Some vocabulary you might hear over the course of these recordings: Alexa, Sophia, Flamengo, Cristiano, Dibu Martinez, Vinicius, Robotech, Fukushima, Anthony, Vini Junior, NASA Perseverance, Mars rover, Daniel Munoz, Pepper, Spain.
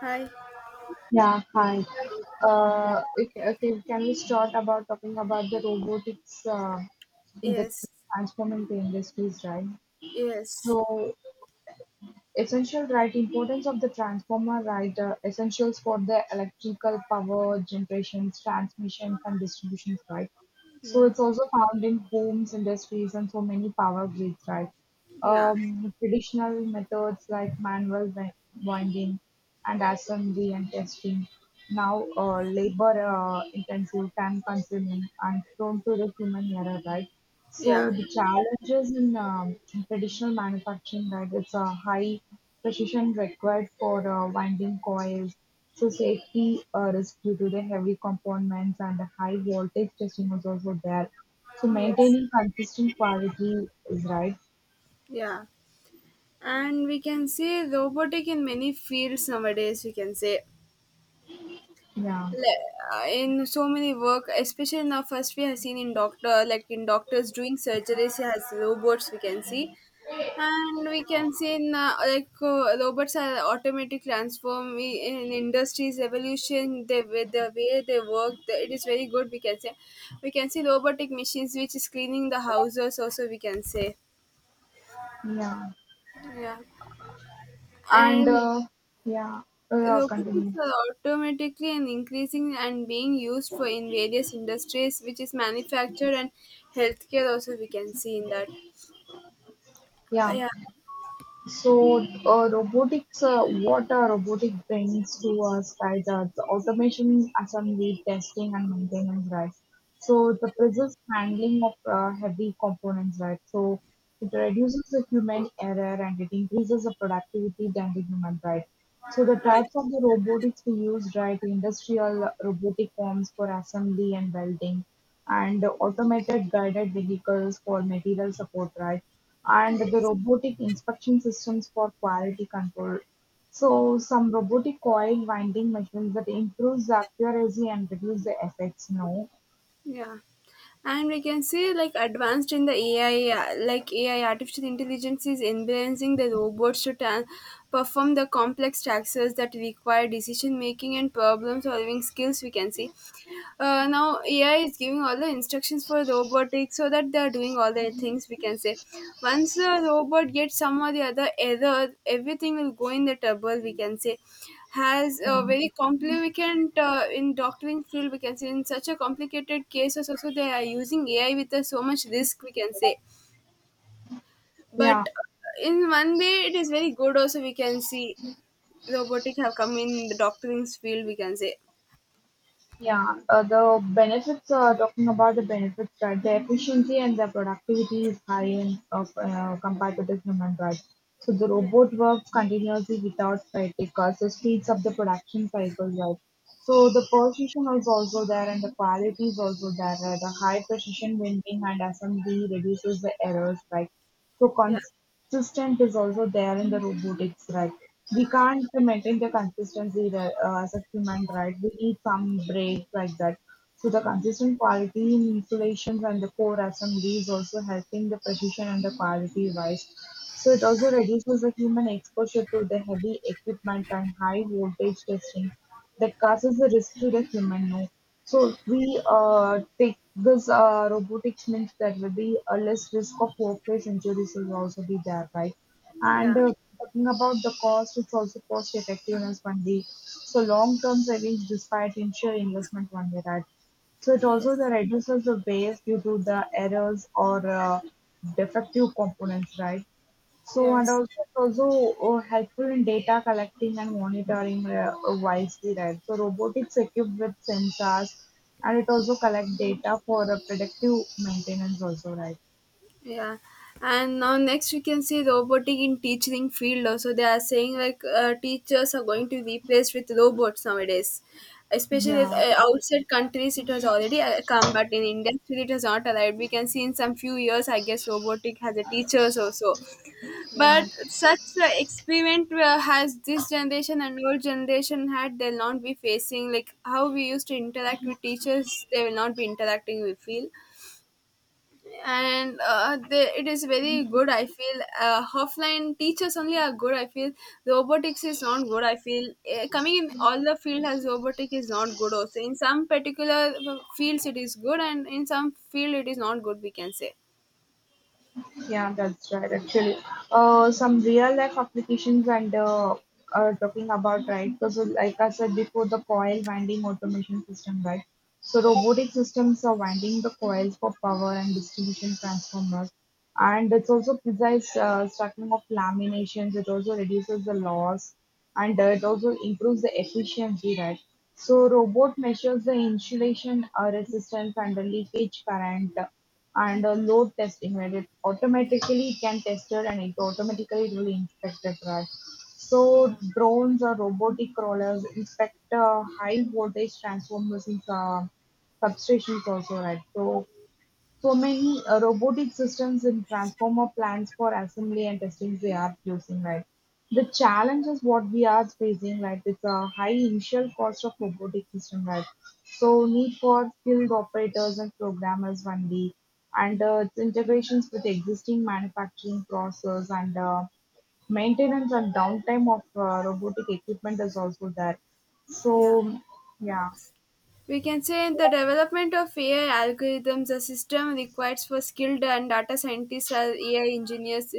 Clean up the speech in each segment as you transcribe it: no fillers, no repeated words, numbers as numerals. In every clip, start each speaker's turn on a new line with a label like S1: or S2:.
S1: Hi.
S2: Yeah, hi. Okay, can we start about talking about the robotics in the
S1: Yes.
S2: transforming the industries, right?
S1: Yes.
S2: So, essential, right? Importance of the transformer, right? Essentials for the electrical power generations, transmissions, and distributions, right? So,
S1: Yeah.
S2: it's also found in homes, industries, and so many power grids, right?
S1: Yeah.
S2: Traditional methods like manual winding and assembly and testing now labor intensive, time consuming, and prone to the human error, right?
S1: Yeah.
S2: So the challenges in traditional manufacturing, right? It's a high precision required for winding coils. So safety risk due to the heavy components and the high voltage testing was also there. So
S1: Yes.
S2: maintaining consistent quality is right.
S1: Yeah. And we can say robotic in many fields nowadays. We can say
S2: Yeah,
S1: In so many work, especially now. First, we have seen in doctor, like in doctors doing surgeries, he has robots. We can see, and we can see in, like robots are automatic transform in industries evolution. They with the way they work it is very good, we can say. We can see robotic machines which is cleaning the houses also, we can say.
S2: yeah,
S1: Yeah.
S2: and
S1: And
S2: yeah,
S1: robotics
S2: continue.
S1: are automatically and increasing and being used for in various industries which is manufacture and healthcare also, we can see in that.
S2: Yeah,
S1: Yeah.
S2: so robotics, what robotic brings to us, right? The automation, assembly, testing, and maintenance, right? So the precise handling of heavy components, right? So it reduces the human error and it increases the productivity than the human, right? So the types of the robotics we use, right? Industrial robotic forms for assembly and welding, and automated guided vehicles for material support, right? And the
S1: Yes.
S2: robotic inspection systems for quality control. So some robotic coil winding machines that improves the accuracy and reduce the effects. No,
S1: Yeah. And we can see like advanced in the AI, like AI artificial intelligence is enhancing the robots to perform the complex tasks that require decision making and problem solving skills. We can see now AI is giving all the instructions for robotics so that they are doing all the things, we can say. Once the robot gets some or the other error, everything will go in the trouble. We can say, has a
S2: yeah,
S1: very complicated in doctoring field. We can say in such a complicated cases also they are using AI with a, so much risk. We can say, but
S2: yeah.
S1: in one way it is very good. Also, we can see robotics have come in the doctoring field. We can say,
S2: Yeah, the benefits, talking about the benefits, right? The efficiency and the productivity is high in, of, compared to the human, right? So the
S1: yeah.
S2: robot works continuously without fatigue, so speeds up the production cycle, right? So the precision is also there and the quality is also there, right? The high precision winding and assembly reduces the errors, right? So
S1: Yeah,
S2: consistent is also there in the robotics, right? We can't maintain the consistency that, as a human, right? We need some break like that. So the consistent quality in installations and the core assembly is also helping the precision and the quality wise. So it also reduces the human exposure to the heavy equipment and high voltage testing that causes the risk to the human no. So if we take this robotics means there will be a less risk of workplace injuries will also be there, right? And
S1: yeah.
S2: talking about the cost, it's also cost effectiveness one day. So long-term savings despite initial investment one day, right? So it also the
S1: Yes.
S2: reduces the waste due to the errors or defective components, right? So, and
S1: Yes,
S2: also it's also helpful in data collecting and monitoring wisely, right? So, robotics equipped with sensors and it also collect data for predictive maintenance also, right?
S1: yeah. And now next we can see robotic in teaching field also. They are saying like teachers are going to be replaced with robots nowadays. Especially
S2: Yeah,
S1: outside countries, it has already come, but in India still it has not arrived. We can see in some few years, I guess, robotic has a teachers also.
S2: yeah.
S1: But such experiment has this generation and old generation had. They'll not be facing like how we used to interact with teachers. They will not be interacting. We feel. And they, it is very good, I feel. Offline teachers only are good, I feel. Robotics is not good, I feel. Coming in all the field as robotic is not good. Also, in some particular fields it is good, and in some field it is not good, we can say.
S2: Yeah, that's right. Actually, some real life applications and are talking about right because, like I said before, the coil winding automation system, right? So robotic systems are winding the coils for power and distribution transformers, and it's also precise stacking of laminations. It also reduces the loss, and it also improves the efficiency, right? So robot measures the insulation resistance and the leakage current under load testing, where it automatically can test it and it automatically it will inspect it, right? So drones or robotic crawlers inspect high voltage transformers in substations also, right? So so many robotic systems in transformer plants for assembly and testing they are using, right? The challenge is what we are facing, like it's a high initial cost of robotic system, right? So need for skilled operators and programmers only, and its integrations with existing manufacturing process and maintenance and downtime of robotic equipment is also there.
S1: Yeah.
S2: So yeah.
S1: We can say in the development of AI algorithms, a system requires for skilled and data scientists or AI engineers,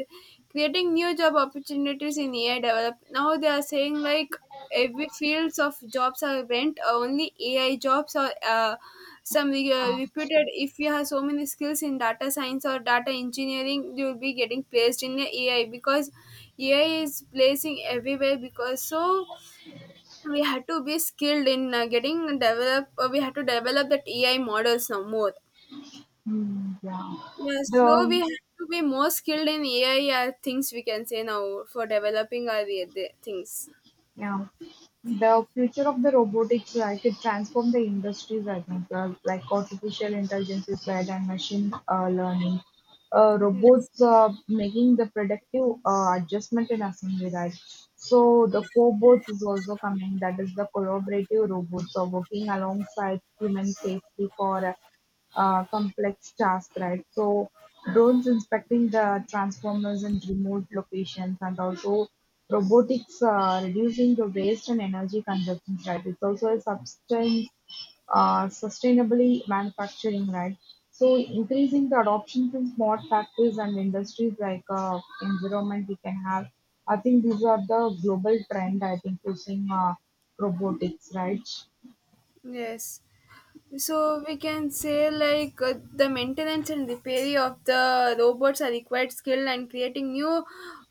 S1: creating new job opportunities in AI develop. Now they are saying like every fields of jobs are rent, only AI jobs are some reputed. If you have so many skills in data science or data engineering, you will be getting placed in the AI, because AI is placing everywhere because, so we had to be skilled in getting develop, we had to develop that AI models now more.
S2: Mm, yeah.
S1: Yeah, so we
S2: The
S1: have to be more skilled in AI, things, we can say now, for developing our the things.
S2: Yeah. The future of the robotics, I could transform the industries, I think, like artificial intelligence is said, and machine learning
S1: Yes.
S2: robots making the predictive adjustment in assembly, right? So the cobots is also coming. That is the collaborative robots are working alongside human safely for complex tasks, right? So drones inspecting the transformers in remote locations and also robotics reducing the waste and energy consumption, right? It's also a substance sustainably manufacturing, right? So increasing the adoption from smart factories and industries like environment we can have. I think these are the global trend. I think using robotics, right?
S1: Yes. So we can say like the maintenance and repair of the robots are required skill, and creating new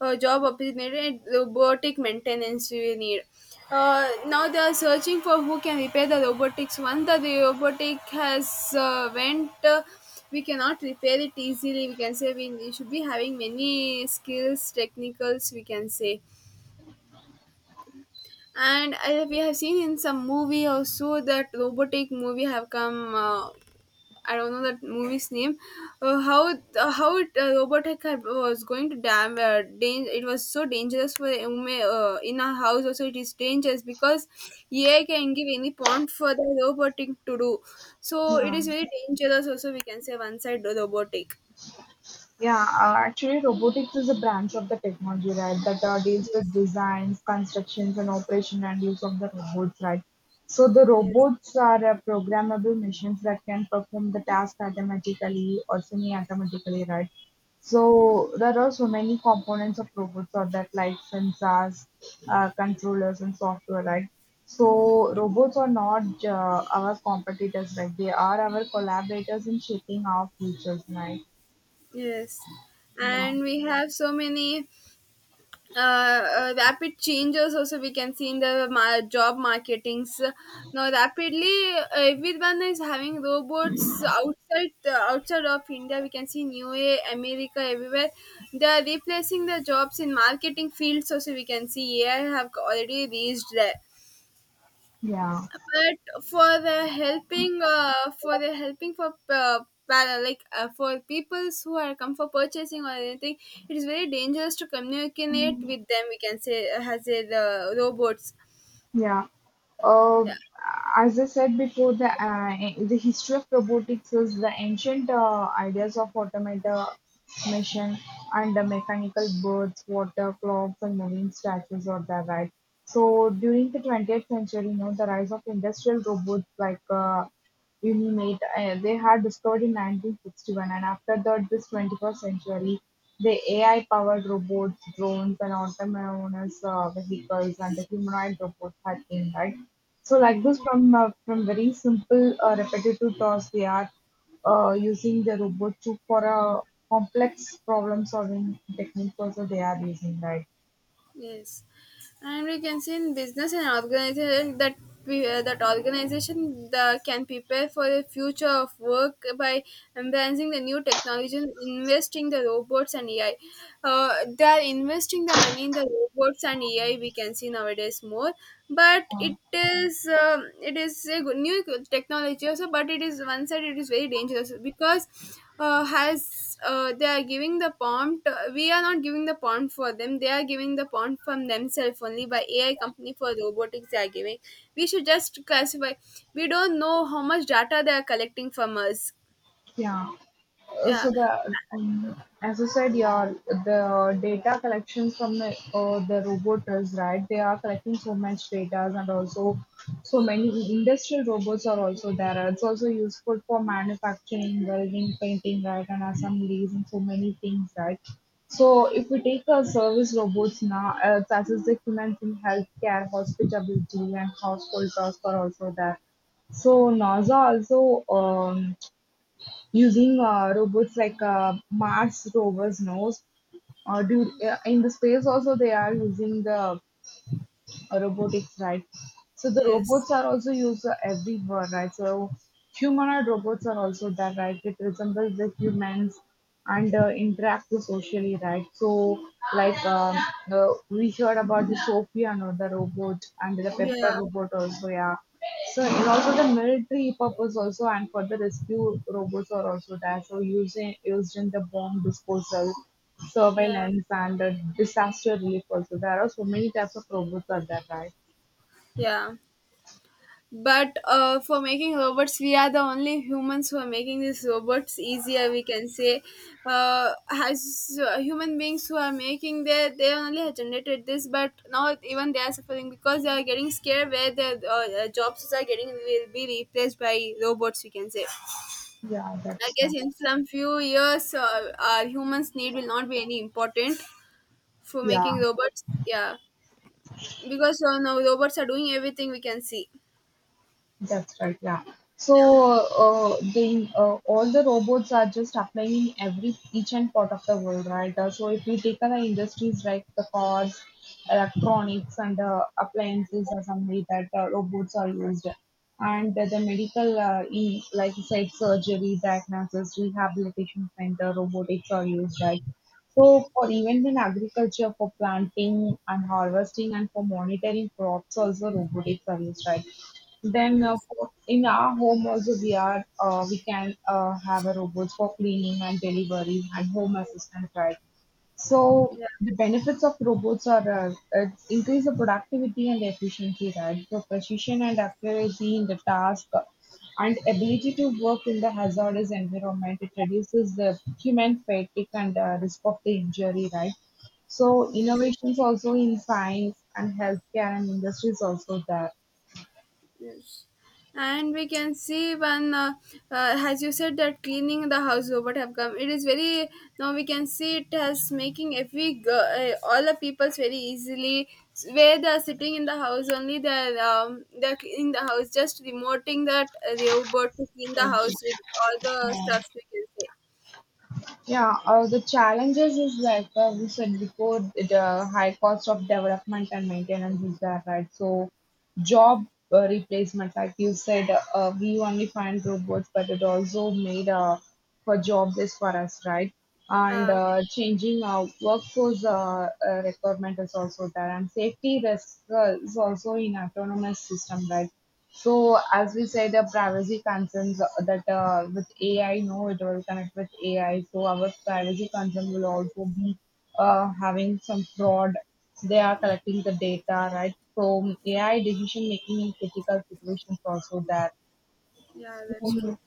S1: job opportunity and robotic maintenance, we need. Now they are searching for who can repair the robotics. Once the robotic has went, we cannot repair it easily. We can say we should be having many skills, technicals. We can say, and I, we have seen in some movie also that robotic movie have come, I don't know that movie's name. How it, Robotech had, was going to it was so dangerous for a woman in a house. Also, it is dangerous because AI can give any prompt for the robotic to do. So it
S2: Yeah.
S1: is very dangerous. Also, we can say one side robotic.
S2: Yeah, actually, robotics is a branch of the technology, right, that deals with
S1: Yes.
S2: designs, constructions, and operation and use of the robots, right? So the
S1: Yes,
S2: robots are programmable machines that can perform the task automatically or semi-automatically, right? So there are so many components of robots or that like sensors, controllers and software, right? So robots are not our competitors, right? They are our collaborators in shaping our futures, right?
S1: yes.
S2: Yeah.
S1: And we have so many rapid changes also, we can see in the job marketings. Now rapidly, everyone is having robots outside, outside of India. We can see in USA, America, everywhere they are replacing the jobs in marketing fields also. We can see AI have already reached there,
S2: Yeah,
S1: but for the helping, for the helping for uh, para- like for peoples who are come for purchasing or anything, it is very dangerous to communicate with them, we can say, as a the robots.
S2: yeah. Uh,
S1: Yeah.
S2: as I said before, the history of robotics is the ancient ideas of automation and the mechanical birds, water clocks, and moving statues or the right. So during the 20th century, you know, the rise of industrial robots like Union Aid, they had discovered in 1961, and after that this 21st century, the AI-powered robots, drones, and autonomous vehicles and the humanoid robots had came, right? So like this, from very simple repetitive tasks, they are using the robot to for a complex problem solving techniques also they are using, right?
S1: Yes, and we can see in business and organization that we, that organization the, can prepare for the future of work by embracing the new technology and investing the robots and AI. They are investing the money in the robots and AI. We can see nowadays more, but it is a good new technology also. But it is one side, it is very dangerous because has they are giving the prompt, we are not giving the prompt for them. They are giving the prompt from themselves only by AI company for robotics, they are giving. We should just classify, we don't know how much data they are collecting from us.
S2: Yeah.
S1: Yeah.
S2: So the as I said, yeah, the data collections from the roboters, right? They are collecting so much data, and also so many industrial robots are also there. It's also useful for manufacturing, welding, painting, right, and assemblies, and so many things, right? So if we take a service robots now, such as the humans in healthcare, hospitality, and household tasks are also there. So NASA also. Using robots like Mars rovers nose. Do
S1: Yes.
S2: in the space also they are using the robotics, right? So the
S1: Yes.
S2: robots are also used everywhere, right? So humanoid robots are also there, right? It resembles the humans and interact socially, right? So like um, we heard about the Sophia, no, the robot, and the Pepper
S1: Yeah.
S2: robot also, yeah. So and also the military purpose also, and for the rescue robots are also there. So using used in the bomb disposal
S1: Yeah.
S2: surveillance and disaster relief also. There are so many types of robots are there, right?
S1: Yeah. But for making robots, we are the only humans who are making these robots easier. We can say, as human beings who are making, they only have generated this, but now even they are suffering because they are getting scared where their jobs are getting will be replaced by robots. We can say.
S2: Yeah,
S1: I
S2: that's
S1: guess
S2: right.
S1: in some few years, our humans' need will not be any important for making
S2: Yeah.
S1: robots. Yeah, because now robots are doing everything, we can see.
S2: That's right, yeah. So the all the robots are just applying in every each and part of the world, right? So if we take other industries like the cars, electronics, and appliances are something that robots are used, and the medical, like you said, surgery, diagnosis, rehabilitation center, robotics are used, right? So for even in agriculture, for planting and harvesting, and for monitoring crops, also robotics are used, right? Then uh,
S1: Yes.
S2: for- in our home also we are we can have a robots for cleaning and delivery and home assistant, right? So
S1: Yeah.
S2: the benefits of robots are it increase the productivity and efficiency, right? So precision and accuracy in the task and ability to work in the hazardous environment. It reduces the human fatigue and risk of the injury, right? So
S1: Yes.
S2: innovations also in science and healthcare and industries also there.
S1: Yes. And we can see when, as you said, that cleaning the house robot have come. It is very, now we can see it as making every all the people's very easily, where they are sitting in the house only they are, they are cleaning the house just remoting that robot to clean the
S2: So
S1: house with all the stuff, we can say.
S2: yeah, the challenges is like we said before, the high cost of development and maintenance is there, right? So, job replacement, like you said, we only find robots, but it also made for jobless for us, right? And
S1: Uh,
S2: changing workforce requirement is also there, and safety risk is also in autonomous system, right? So, as we said, the privacy concerns that with AI, no, it will connect with AI. So, our privacy concern will also
S1: yes.
S2: be having some fraud. They are collecting the data, right? So, AI decision making in critical situations also that.
S1: Yeah, that's true.
S2: So,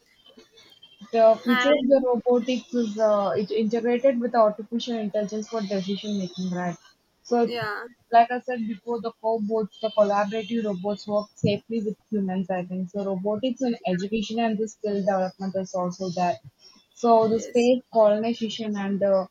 S2: the future of
S1: And
S2: the robotics is it integrated with artificial intelligence for decision making, right? So,
S1: yeah,
S2: like I said before, the cobots, the collaborative robots work safely with humans, I think so. Robotics in education and the skill development is also there. So the
S1: yes,
S2: space colonization and the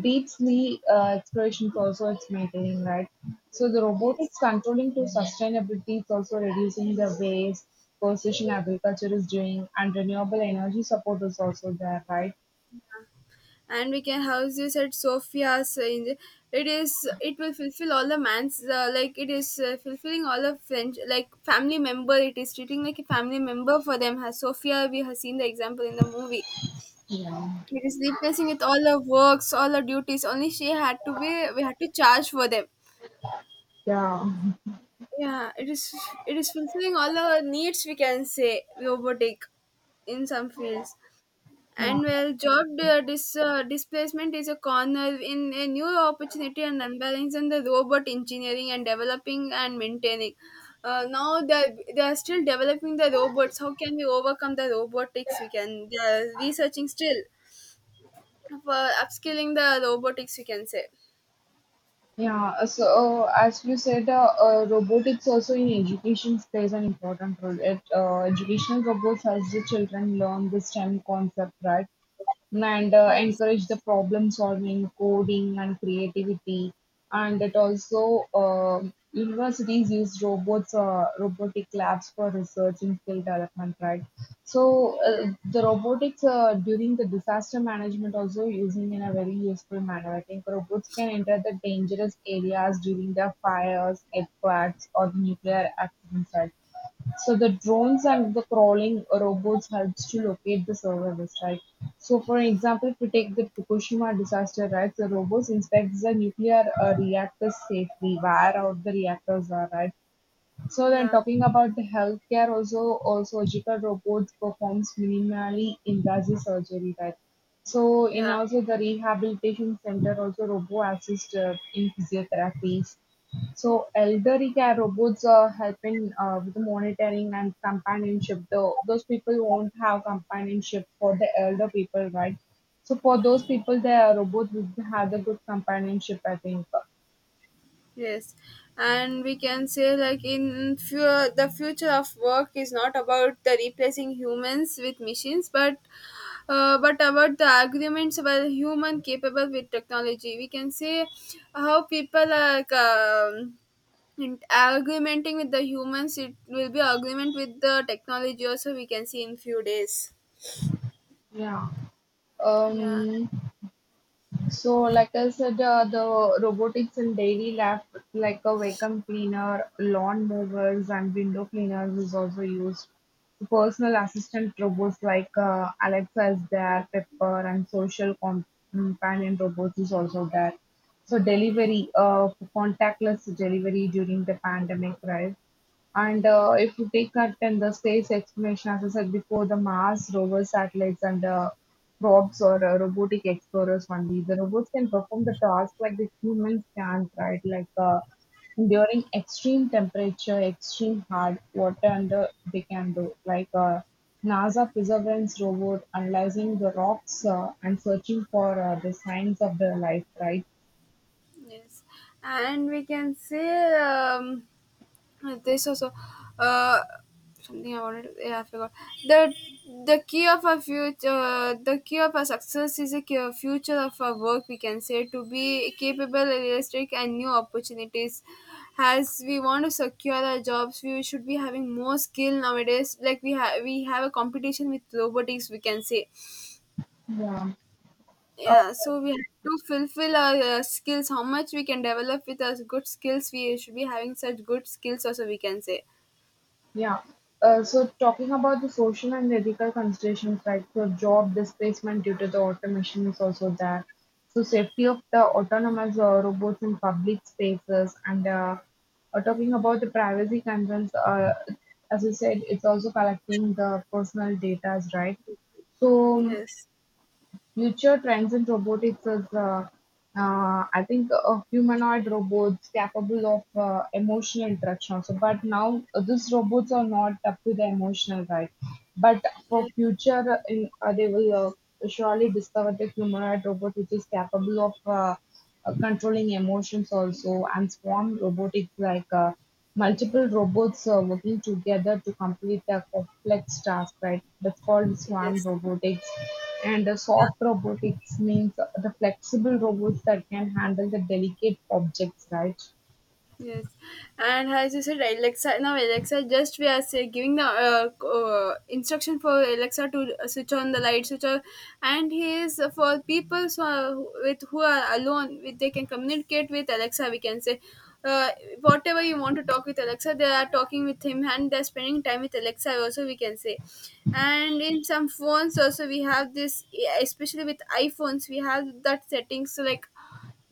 S2: deep sea explorations also it's maintaining, right? So the
S1: yes.
S2: robotics controlling to sustainability is also reducing the waste, precision agriculture is doing, and renewable energy support is also there, right?
S1: And we can house you at Sophia's. It is, it will fulfill all the man's, like it is fulfilling all the French like family member. It is treating like a family member for them. Has Sophia, we have seen the example in the movie.
S2: Yeah.
S1: It is replacing with all the works, all the duties. Only she had to be, we had to charge for them.
S2: Yeah.
S1: Yeah, it is, it is fulfilling all our needs. We can say robotic in some fields. And well, job displacement is a corner in a new opportunity and unbalance in the robot engineering and developing and maintaining. Now they are still developing the robots. How can we overcome the robotics? We can, they are researching still for upskilling the robotics. We can say.
S2: Yeah, as you said, robotics also in education plays an important role. Educational robots helps the children learn the STEM concept, right? And
S1: Yes,
S2: encourage the problem solving, coding, and creativity. And it also universities use robots, robotic labs for research and skill development, right? So the robotics during the disaster management also using in a very useful manner. I think robots can enter the dangerous areas during the fires, earthquakes, or nuclear accidents, right? So the drones and the crawling robots helps to locate the survivors, right? So for example, if we take the Fukushima disaster, right? The robots inspects the nuclear reactors safely, where all the reactors are, right? So then
S1: yeah,
S2: talking about the healthcare also, or surgical robots performs minimally invasive surgery, right? So in
S1: yeah.
S2: also the rehabilitation center, also robo assist in physiotherapies. So elderly care robots are helping with the monitoring and companionship. Though those people won't have companionship for the elder people, right? So for those people, the robot will have the good companionship, I think.
S1: Yes, and we can say like in few, the future of work is not about the replacing humans with machines, but but about the arguments about human capable with technology. We can say how people are, in argumenting with the humans. It will be argument with the technology. Also, we can see in few days.
S2: Yeah.
S1: Yeah.
S2: Um, So, like I said, the robotics in daily life, like a vacuum cleaner, lawn mowers, and window cleaners, is also used. So personal assistant robots like Alexa is there, Pepper, and companion robots is also there. So,
S1: Yes.
S2: contactless delivery during the pandemic, right? And if you take that, then the space exploration, as I said before, the Mars rover satellites and probes or robotic explorers only. The robots can perform the task like the humans can, right? Like during extreme temperature, extreme hard water, and they can do like NASA Perseverance robot analyzing the rocks and searching for the signs of their life, right?
S1: Yes. And we can say. This also, uh, something I wanted to, yeah, I forgot. the The key of a future, the key of a success is a future of our work. We can say, to be capable, realistic, and new opportunities. As we want to secure our jobs, we should be having more skill nowadays. Like we have a competition with robotics. We can say,
S2: Yeah.
S1: yeah. So we have to fulfill our skills. How much we can develop with our good skills, we should be having such good skills. Also, we can say,
S2: Yeah. So talking about the social and ethical considerations, like so job displacement due to the automation is also there. So safety of the autonomous robots in public spaces, and talking about the privacy concerns. As I said, it's also collecting the personal data, right? So
S1: yes.
S2: future trends in robotics is, I think, humanoid robots capable of emotional interaction also. But now these robots are not up to the emotional right. But for
S1: Yes,
S2: future, they will surely discover the humanoid robot which is capable of controlling emotions also, and swarm robotics like. Multiple robots are working together to complete a complex task, right? That's called swarm
S1: yes,
S2: robotics. And
S1: yeah,
S2: soft robotics means the flexible robots that can handle the delicate objects, right?
S1: yes. And as you said, Alexa, now Alexa, just we are say, giving the instruction for Alexa to switch on the light, switch off, and he is for people so, with who are alone, with they can communicate with Alexa. We can say, uh, whatever you want to talk with Alexa, they are talking with him, and they're spending time with Alexa. Also, we can say. And in some phones also we have this, especially with iPhones, we have that settings like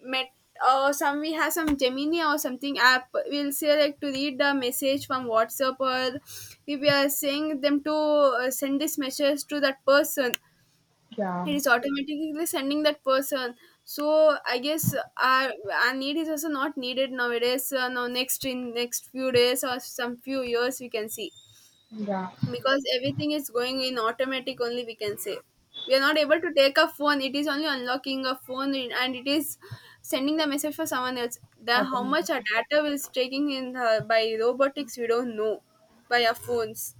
S1: met or some we have some gemini or something app we'll say like to read the message from whatsapp or if we are saying them to send this message to that person,
S2: Yeah,
S1: it is automatically sending that person. So I guess our need is also not needed nowadays now next in next few days or some few years we can see,
S2: yeah,
S1: because everything is going in automatic only we can say. We are not able to take a phone, it is only unlocking a phone and it is sending the message for someone else. The how much
S2: automatic.
S1: our data is taking in the, by robotics we don't know, by our phones.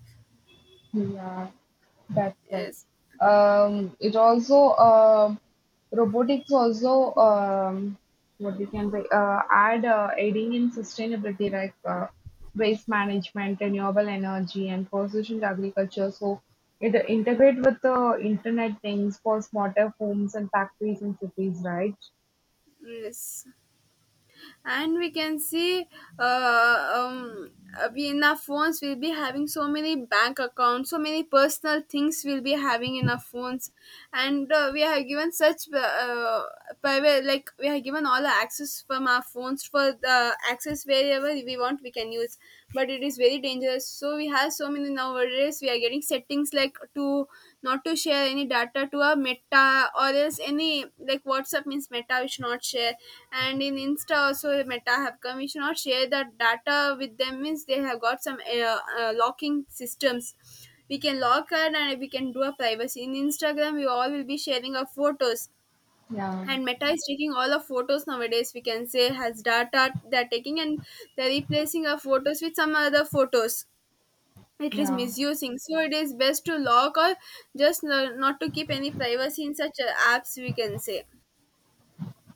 S2: Yeah, that's right.
S1: Yes,
S2: It also robotics also what we can say add aiding in sustainability like waste management, renewable energy, and precision agriculture. So it integrate with the internet things for smarter homes and factories and cities, right?
S1: yes. And we can see uh, um, we in our phones will be having so many bank accounts, so many personal things we'll be having in our phones. And we are given such private, like we are given all the access from our phones. For the access wherever we want we can use, but it is very dangerous. So we have so many, now nowadays we are getting settings like to not to share any data to a meta or else any, like whatsapp means meta we should not share. And in insta also meta have come, we should not share that data with them. Means they have got some locking systems, we can lock her and we can do a privacy in instagram. We all will be sharing our photos
S2: Yeah,
S1: and meta is taking all our photos nowadays, we can say has data. They're taking and they're replacing our photos with some other photos, it is
S2: yeah.
S1: misusing. So it is best to lock or just not to keep any privacy in such apps, we can say.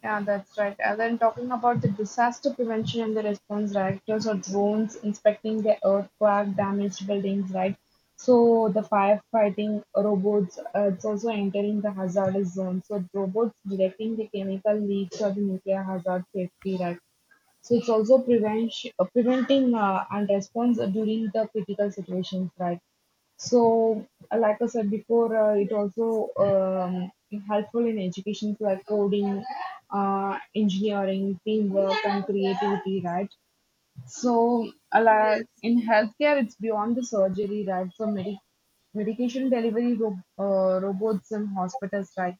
S2: Yeah, that's right. And then talking about the disaster prevention and the response, directors or drones inspecting the earthquake damaged buildings, right? So the firefighting robots, it's also entering the hazardous zone. So robots detecting the chemical leaks or the nuclear hazard safety, right? So it's also prevention, preventing and response during the critical situations, right? So, like I said before, it also helpful in educations like coding, engineering, teamwork, and creativity, right? So, like
S1: Yes.
S2: in healthcare, it's beyond the surgery, right? So, medication delivery ro robots in hospitals, right?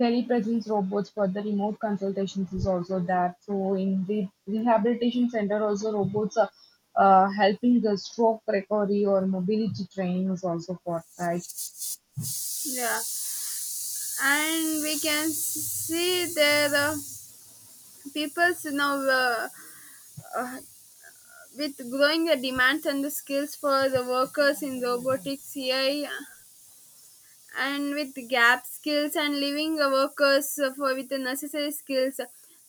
S2: Telepresence robots for the remote consultations is also that. So, in the rehabilitation center, also robots are helping the stroke recovery or mobility training is also for, right?
S1: Yeah. And we can see there people's now uh, with growing the demands and the skills for the workers in robotics, AI, and with gap skills and leaving workers for with the necessary skills.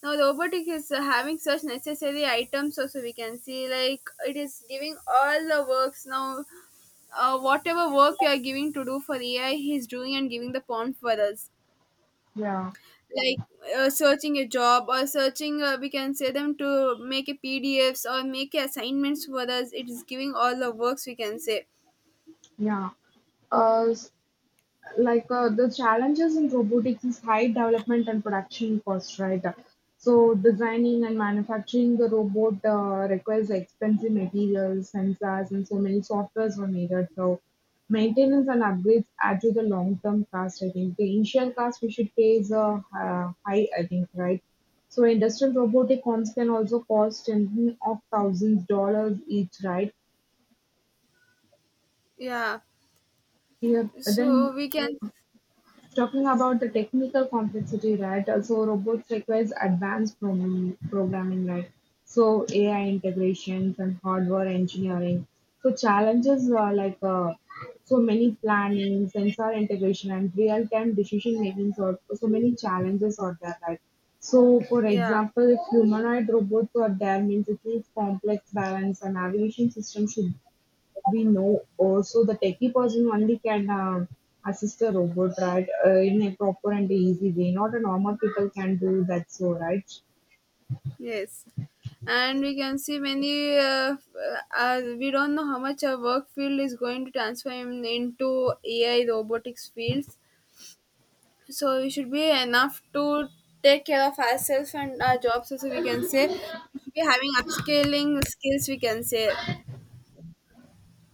S1: Now robotic is having such necessary items also we can see, like it is giving all the works now. Whatever work you are giving to do for ai, he's doing and giving the pawn for us,
S2: Yeah,
S1: like searching a job or searching, we can say them to make a pdfs or make assignments for us. It is giving all the works we can say.
S2: yeah. Uh, like the challenges in robotics is high development and production cost, right? So designing and manufacturing the robot requires expensive materials, sensors, and so many softwares were needed. So maintenance and upgrades add to the long term cost. I think the initial cost we should pay is high, I think, right? So industrial robotic arms can also cost in of thousands dollars each, right?
S1: Yeah.
S2: Here
S1: So
S2: then
S1: we can.
S2: talking about the technical complexity, right? Also, robots requires advanced programming, right? So AI integrations and hardware engineering. So challenges are like so many planning, sensor integration, and real-time decision making. So so many challenges are there, right? So, for
S1: Yeah.
S2: example, if humanoid robots are there, means it needs complex balance and navigation system. Should we know also the techie person only can assist a robot, right? In a proper and easy way, not a normal people can do that, so, right?
S1: Yes, and we can see many we don't know how much our work field is going to transform into ai robotics fields. So we should be enough to take care of ourselves and our jobs also we can say. We should be having upscaling skills we can say.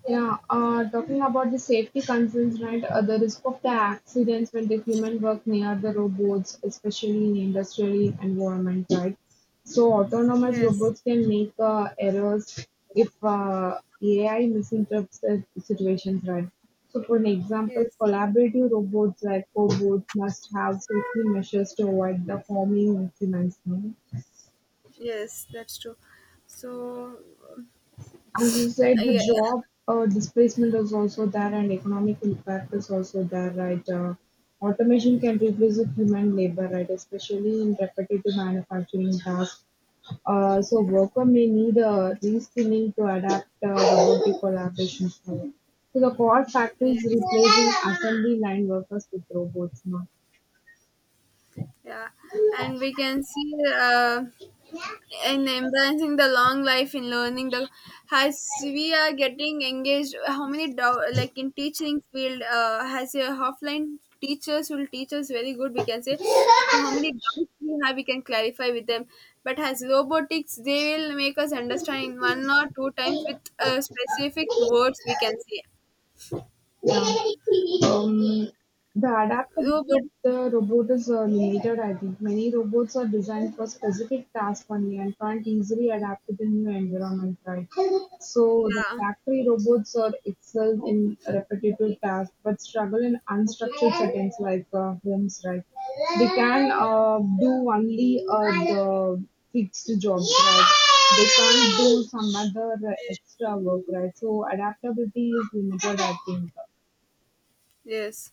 S2: Yeah, talking about the safety concerns, right? The risk of the accidents when the human work near the robots, especially in industrial environment, right? So autonomous
S1: Yes.
S2: robots can make errors if AI misinterprets the situations, right? So for an example,
S1: Yes.
S2: collaborative robots like cobots must have safety measures to avoid the harming of humans. No?
S1: Yes, that's true. So.
S2: As you said, the
S1: Yeah,
S2: job displacement is also there and economic impact is also there, right? Automation can replace the human labor, right? Especially in repetitive manufacturing tasks. So worker may need reskilling to adapt robotic collaboration. So the core factories
S1: yes,
S2: replacing assembly line workers with robots now.
S1: yeah. And we can see, in embracing the long life in learning the, as we are getting engaged how many like in teaching field has a offline teachers will teach us very good we can say. And how many doubts we have we can clarify with them, but as robotics they will make us understand in one or two times with specific words we can say.
S2: Yeah. Um, the adaptability
S1: Robot.
S2: of the robot is limited, I think. Many robots are designed for specific tasks only and can't easily adapt to the new environment, right? So the
S1: Yeah.
S2: factory robots are excel in repetitive tasks but struggle in unstructured settings like homes, right? They can do only the fixed jobs, right? They can't do some other extra work, right? So adaptability is limited, I think.
S1: Yes,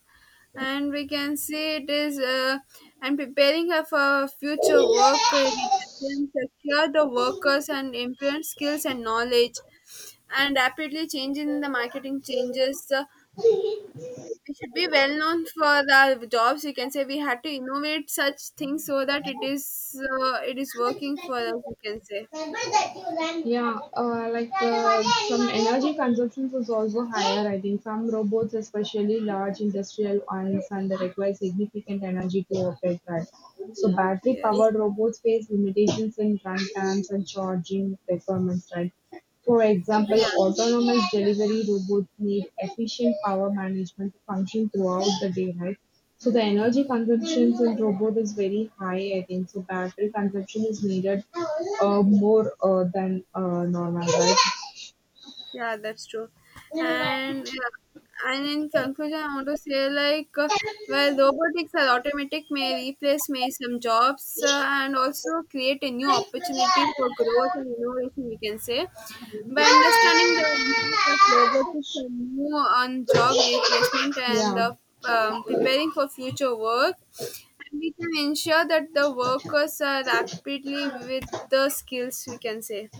S1: and we can see it is, and preparing her for future work, we can secure the workers and improve skills and knowledge, and rapidly changing the marketing changes. We should be well known for the jobs. We can say we had to innovate such things so that it is working for us. We can say.
S2: Yeah, like some energy consumption is also higher, I think. Some robots, especially large industrial ones, and they require significant energy to operate, right? So, battery
S1: Yes,
S2: powered robots face limitations in run times and charging requirements, right? For example,
S1: yeah.
S2: autonomous delivery robots need efficient power management to function throughout the day, right? So the energy consumption in robot is very high, I think. So battery consumption is needed more than normal, right?
S1: Yeah, that's true. And yeah, and in conclusion, I want to say like, well, robotics or automatic may replace may some jobs and also create a new opportunity for growth and innovation. We can say, by understanding the impact of robotics and new on job replacement and
S2: Yeah.
S1: the preparing for future work, and we can ensure that the workers are rapidly with the skills. We can say.